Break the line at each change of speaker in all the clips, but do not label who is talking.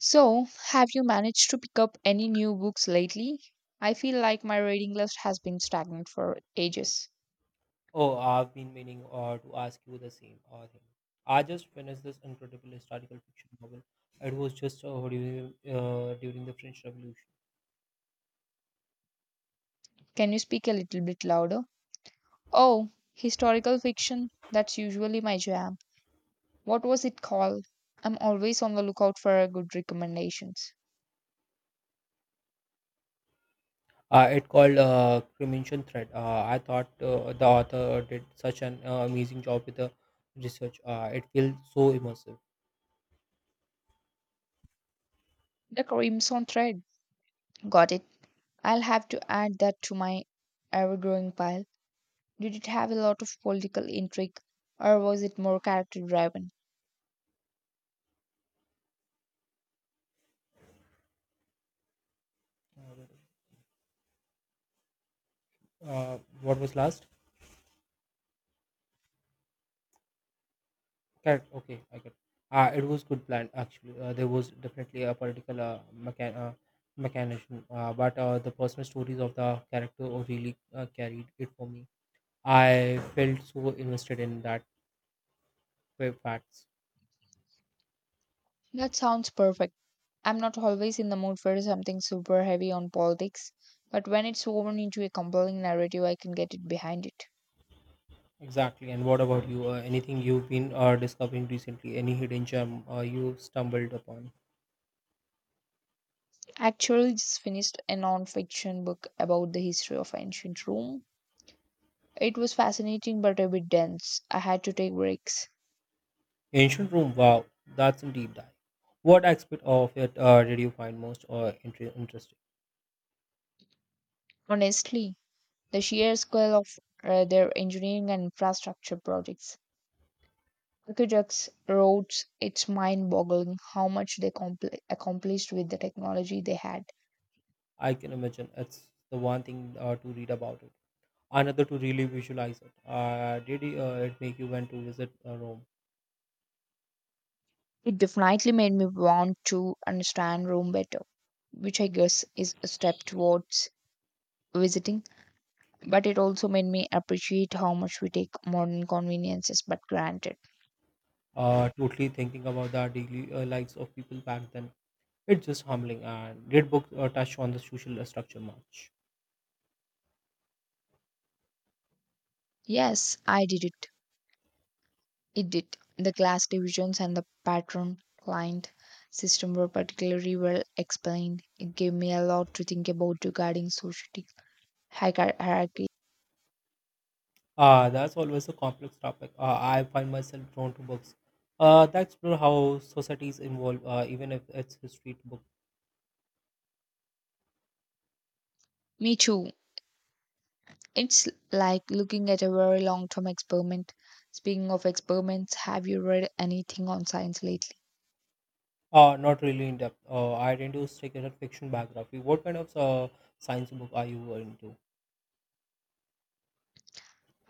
So, have you managed to pick up any new books lately? I feel like my reading list has been stagnant for ages.
Oh, I've been meaning to ask you the same thing. I just finished this incredible historical fiction novel. It was just during, during the French Revolution.
Can you speak a little bit louder? Oh, historical fiction. That's usually my jam. What was it called? I'm always on the lookout for a good recommendations.
It called Cremation Thread. I thought the author did such an amazing job with the research. It feels so immersive.
The Crimson Thread. Got it. I'll have to add that to my ever-growing pile. Did it have a lot of political intrigue, or was it more character-driven?
Uh, what was last? Correct. Okay, I get. It was good plan actually. There was definitely a political mechan- uh, mechanism, but the personal stories of the character really carried it for me. I felt so invested in that facts.
That sounds perfect. I'm not always in the mood for something super heavy on politics, but when it's woven into a compelling narrative, I can get it behind it.
Exactly. And what about you? Anything you've been discovering recently? Any hidden gem you stumbled upon?
Actually, just finished a non-fiction book about the history of ancient Rome. It was fascinating but a bit dense. I had to take breaks.
Ancient Rome. Wow, that's a deep dive. What aspect of it did you find most interesting?
Honestly, the sheer scale of their engineering and infrastructure projects, aqueducts, roads, it's mind-boggling how much they accomplished with the technology they had.
I can imagine it's the one thing to read about it, another to really visualize it. Did it make you want to visit Rome?
It definitely made me want to understand Rome better, which I guess is a step towards visiting, but it also made me appreciate how much we take modern conveniences but granted.
Totally thinking about the daily lives of people back then. It's just humbling. And did book touch on the social structure much?
Yes, I did it. It did. The class divisions and the pattern client system were particularly well explained. It gave me a lot to think about regarding society hierarchy.
That's always a complex topic. I find myself drawn to books that explore how societies evolve, even if it's history book.
Me too. It's like looking at a very long term experiment. Speaking of experiments, have you read anything on science lately?
Not really in depth. I tend to stick in a fiction biography. What kind of science book are you into?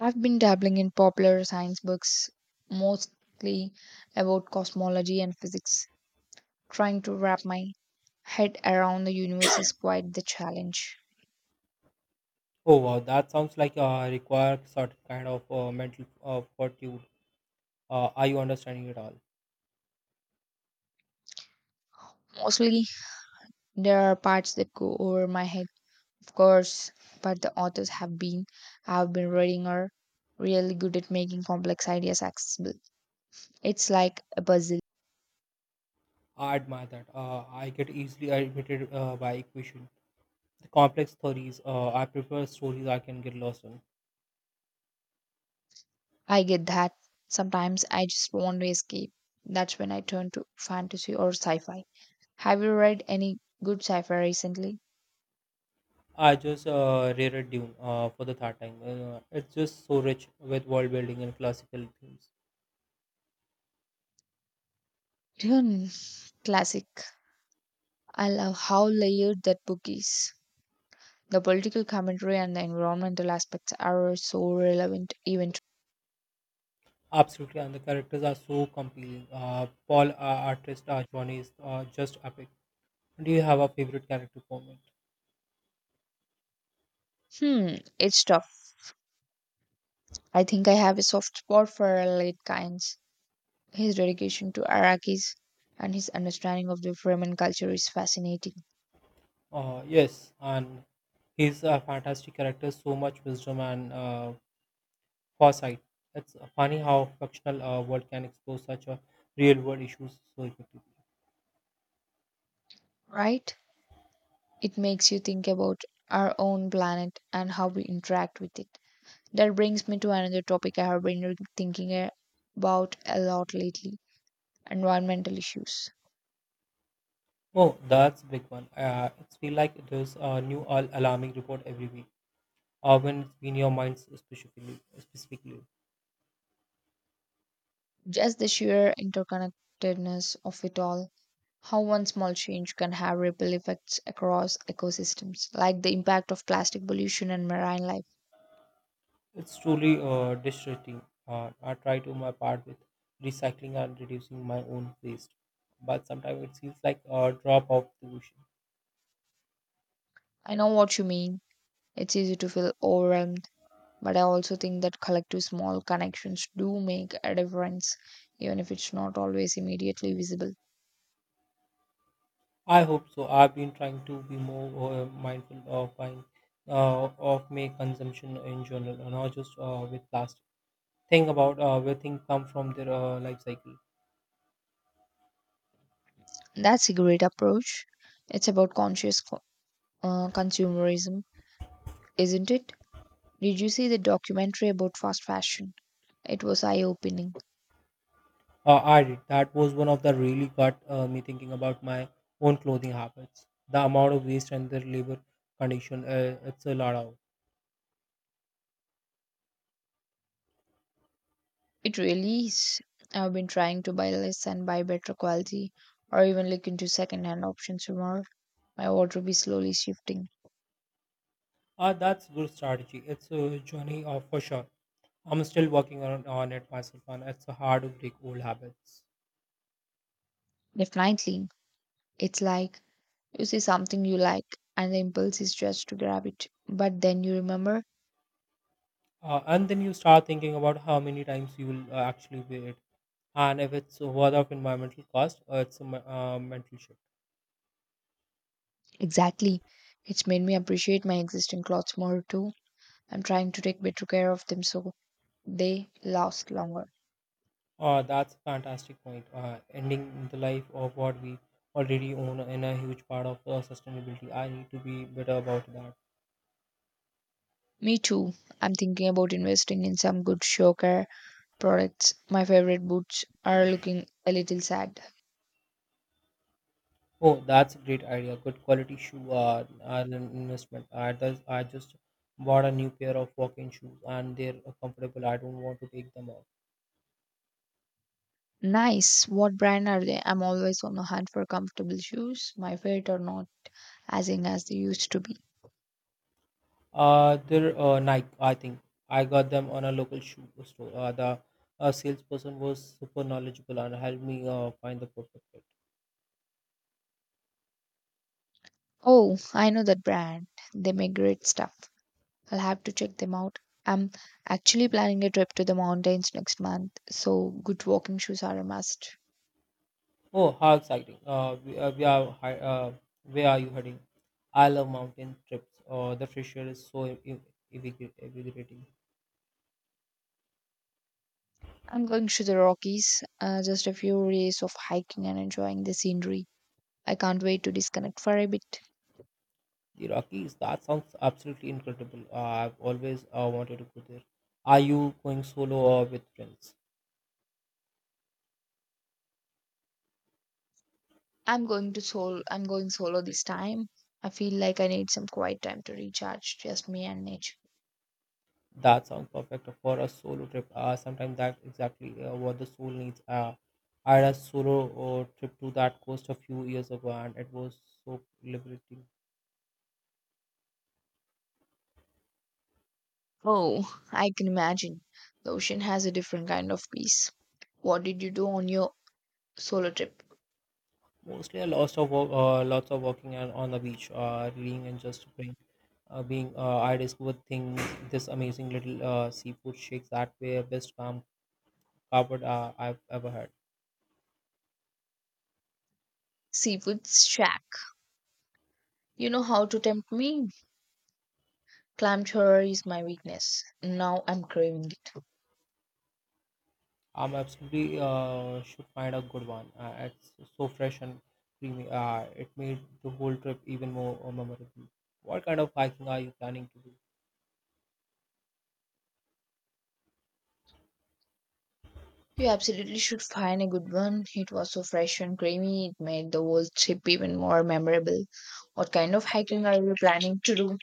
I've been dabbling in popular science books, mostly about cosmology and physics. Trying to wrap my head around the universe is quite the challenge.
Oh wow, that sounds like require certain kind of mental fortitude. Are you understanding it all?
Mostly, there are parts that go over my head, of course, but the authors have been, I've been reading, are really good at making complex ideas accessible. It's like a puzzle.
I admire that. I get easily irritated by equation, the complex theories. I prefer stories I can get lost in.
I get that. Sometimes I just want to escape. That's when I turn to fantasy or sci fi. Have you read any good sci fi recently?
I just reread Dune for the third time. It's just so rich with world building and classical themes.
Dune, classic. I love how layered that book is. The political commentary and the environmental aspects are so relevant even to.
Absolutely, and the characters are so compelling. Paul artist Johnny is just epic. Do you have a favorite character for me?
Hmm, it's tough. I think I have a soft spot for late kinds. His dedication to Iraqis and his understanding of the Fremen culture is fascinating,
Yes, and he's a fantastic character, so much wisdom and foresight. It's funny how fictional world can explore such a real world issues so effectively.
right? It makes you think about our own planet and how we interact with it. That brings me to another topic I have been thinking a- about a lot lately environmental issues.
Oh, that's big one. It's feel like there's a new alarming report every week, or when it's been your mind specifically. Specifically,
Just the sheer interconnectedness of it all. How one small change can have ripple effects across ecosystems, like the impact of plastic pollution and marine life.
it's truly distressing. I try to my part with recycling and reducing my own waste, but sometimes it feels like a drop of the ocean.
I know what you mean. It's easy to feel overwhelmed. But I also think that collective small connections do make a difference, even if it's not always immediately visible.
I hope so. I've been trying to be more mindful of buying, of my consumption in general, and not just with plastic. Think about where things come from their life cycle.
That's a great approach. It's about consumerism, isn't it? Did you see the documentary about fast fashion? It was eye opening.
I did. That was one of the really got me thinking about my own clothing habits. The amount of waste and their labor condition. It's a lot of.
It really is. I've been trying to buy less and buy better quality, or even look into second hand options more. My wardrobe is slowly shifting.
That's good strategy. It's a journey for sure. I'm still working on it myself, and it's hard to break old habits.
Definitely. It's like you see something you like, and the impulse is just to grab it. But then you remember,
And then you start thinking about how many times you will actually wear it and if it's worth of environmental cost it's a mental shift.
exactly, it's made me appreciate my existing clothes more too. I'm trying to take better care of them so they last longer.
That's a fantastic point ending the life of what we already own in a huge part of sustainability. I need to be better about that.
Me too. I'm thinking about investing in some good show care products. My favorite boots are looking a little sad.
Oh, that's a great idea. Good quality shoe are an investment. I just bought a new pair of walking shoes and they're comfortable. I don't want to take them off.
Nice. What brand are they? I'm always on the hunt for comfortable shoes. My feet are not as in as they used to be.
They're Nike, I think. I got them on a local shoe store. The salesperson was super knowledgeable and helped me find the perfect fit.
Oh, I know that brand. They make great stuff. I'll have to check them out. I'm actually planning a trip to the mountains next month, so good walking shoes are a must.
Oh, how exciting! We are where are you heading? I love mountain trips. The fresh air is so invigorating.
I'm going to the Rockies, just a few days of hiking and enjoying the scenery. I can't wait to disconnect for a bit.
The Rockies. That sounds absolutely incredible. I've always wanted to go there. Are you going solo or with friends?
I'm going to solo. I'm going solo this time. I feel like I need some quiet time to recharge, just me and nature.
That sounds perfect for a solo trip. Sometimes that exactly what the soul needs. I had a solo trip to that coast a few years ago, and it was so liberating.
Oh, I can imagine. The ocean has a different kind of peace. What did you do on your solo trip?
Mostly a lot of walk, lots of walking and on the beach, reading and just being. I discovered things this amazing little seafood shakes that were best calm covered I've ever had.
Seafood shack. You know how to tempt me? Clam chowder is my weakness. Now I'm craving it.
I'm absolutely should find a good one. It's so fresh and creamy. It made the whole trip even more memorable. What kind of hiking are you planning to do?
You absolutely should find a good one. It was so fresh and creamy, it made the whole trip even more memorable. What kind of hiking are you planning to do?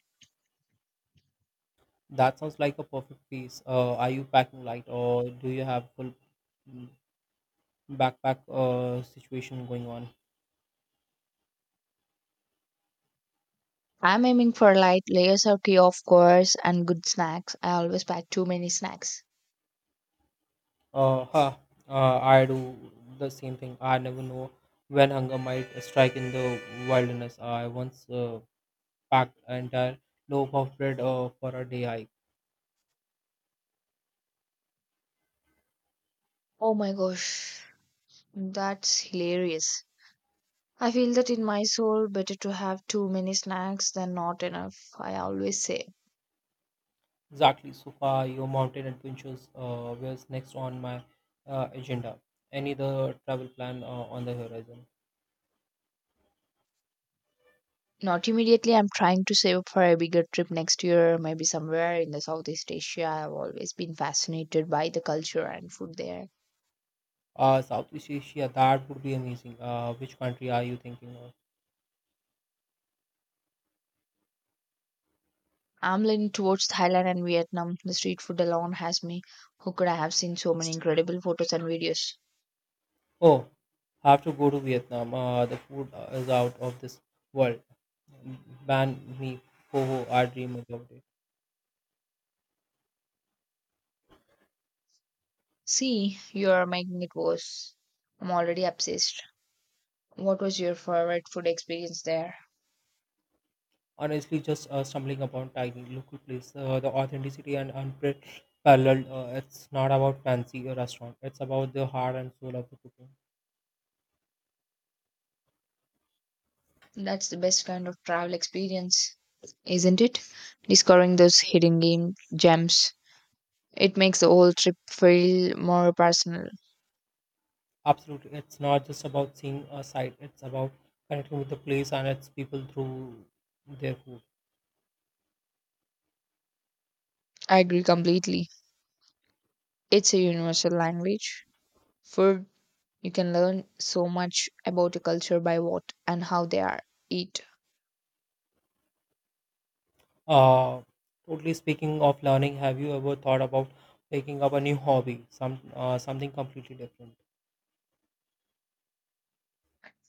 That sounds like a perfect piece. Are you packing light or do you have full mm, backpack situation going on?
I'm aiming for light layers of tea, of course, and good snacks. I always pack too many snacks.
Huh. I do the same thing. I never know when hunger might strike in the wilderness. I once packed an entire loaf of bread for a day hike.
Oh my gosh, that's hilarious. I feel that in my soul, better to have too many snacks than not enough, I always say.
Exactly, so far your mountain adventures was next on my agenda. Any other travel plan on the horizon?
Not immediately. I'm trying to save up for a bigger trip next year, maybe somewhere in the Southeast Asia. I've always been fascinated by the culture and food there.
Southeast Asia, that would be amazing. Which country are you thinking of?
I'm leaning towards Thailand and Vietnam. The street food alone has me hooked. I have seen so many incredible photos and videos.
Oh, have to go to Vietnam. The food is out of this world. Ban me, ho, I dream about it.
See, you're making it worse. I'm already obsessed. What was your favorite food experience there?
Honestly, just stumbling upon tiny local place, the authenticity and unparalleled. It's not about fancy restaurant. It's about the heart and soul of the cooking.
That's the best kind of travel experience, isn't it? Discovering those gems. It makes the whole trip feel more personal.
Absolutely. It's not just about seeing a site, it's about connecting with the place and its people through their food.
I agree completely. It's a universal language. Food, you can learn so much about a culture by what and how they are eat.
Uh, totally speaking of learning, have you ever thought about taking up a new hobby, some something completely different?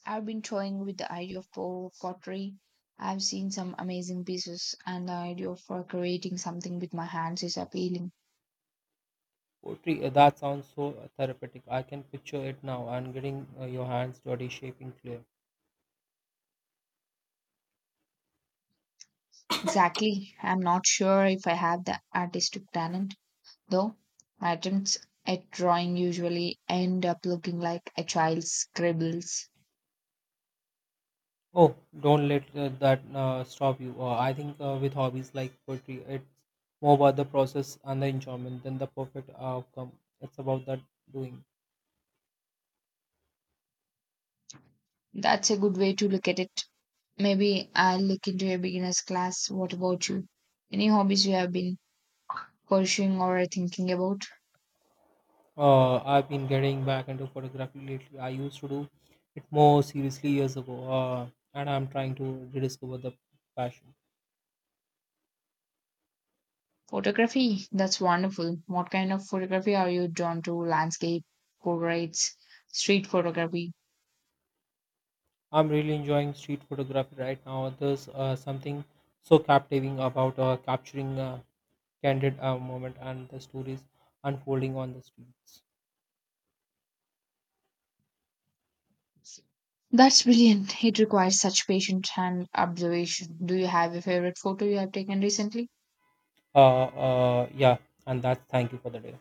I've been toying with the pottery. I've seen some amazing pieces, and the idea of creating something with my hands is appealing.
Poetry, that sounds so therapeutic. I can picture it now and getting your hands dirty, shaping clay.
Exactly. I'm not sure if I have the artistic talent, though. My attempts at drawing usually end up looking like a child's scribbles.
Oh, don't let that stop you. I think with hobbies like poetry, it's more about the process and the enjoyment than the perfect outcome. It's about that doing.
That's a good way to look at it. Maybe I'll look into a beginner's class. What about you? Any hobbies you have been pursuing or are thinking about?
I've been getting back into photography lately. I used to do it more seriously years ago, and I'm trying to rediscover the passion.
Photography. That's wonderful. What kind of photography are you drawn to? Landscape, portraits, street photography?
I'm really enjoying street photography right now. There's something so captivating about capturing a candid moment and the stories unfolding on the streets.
That's brilliant. It requires such patience and observation. Do you have a favorite photo you have taken recently?
Yeah, and that's thank you for the day.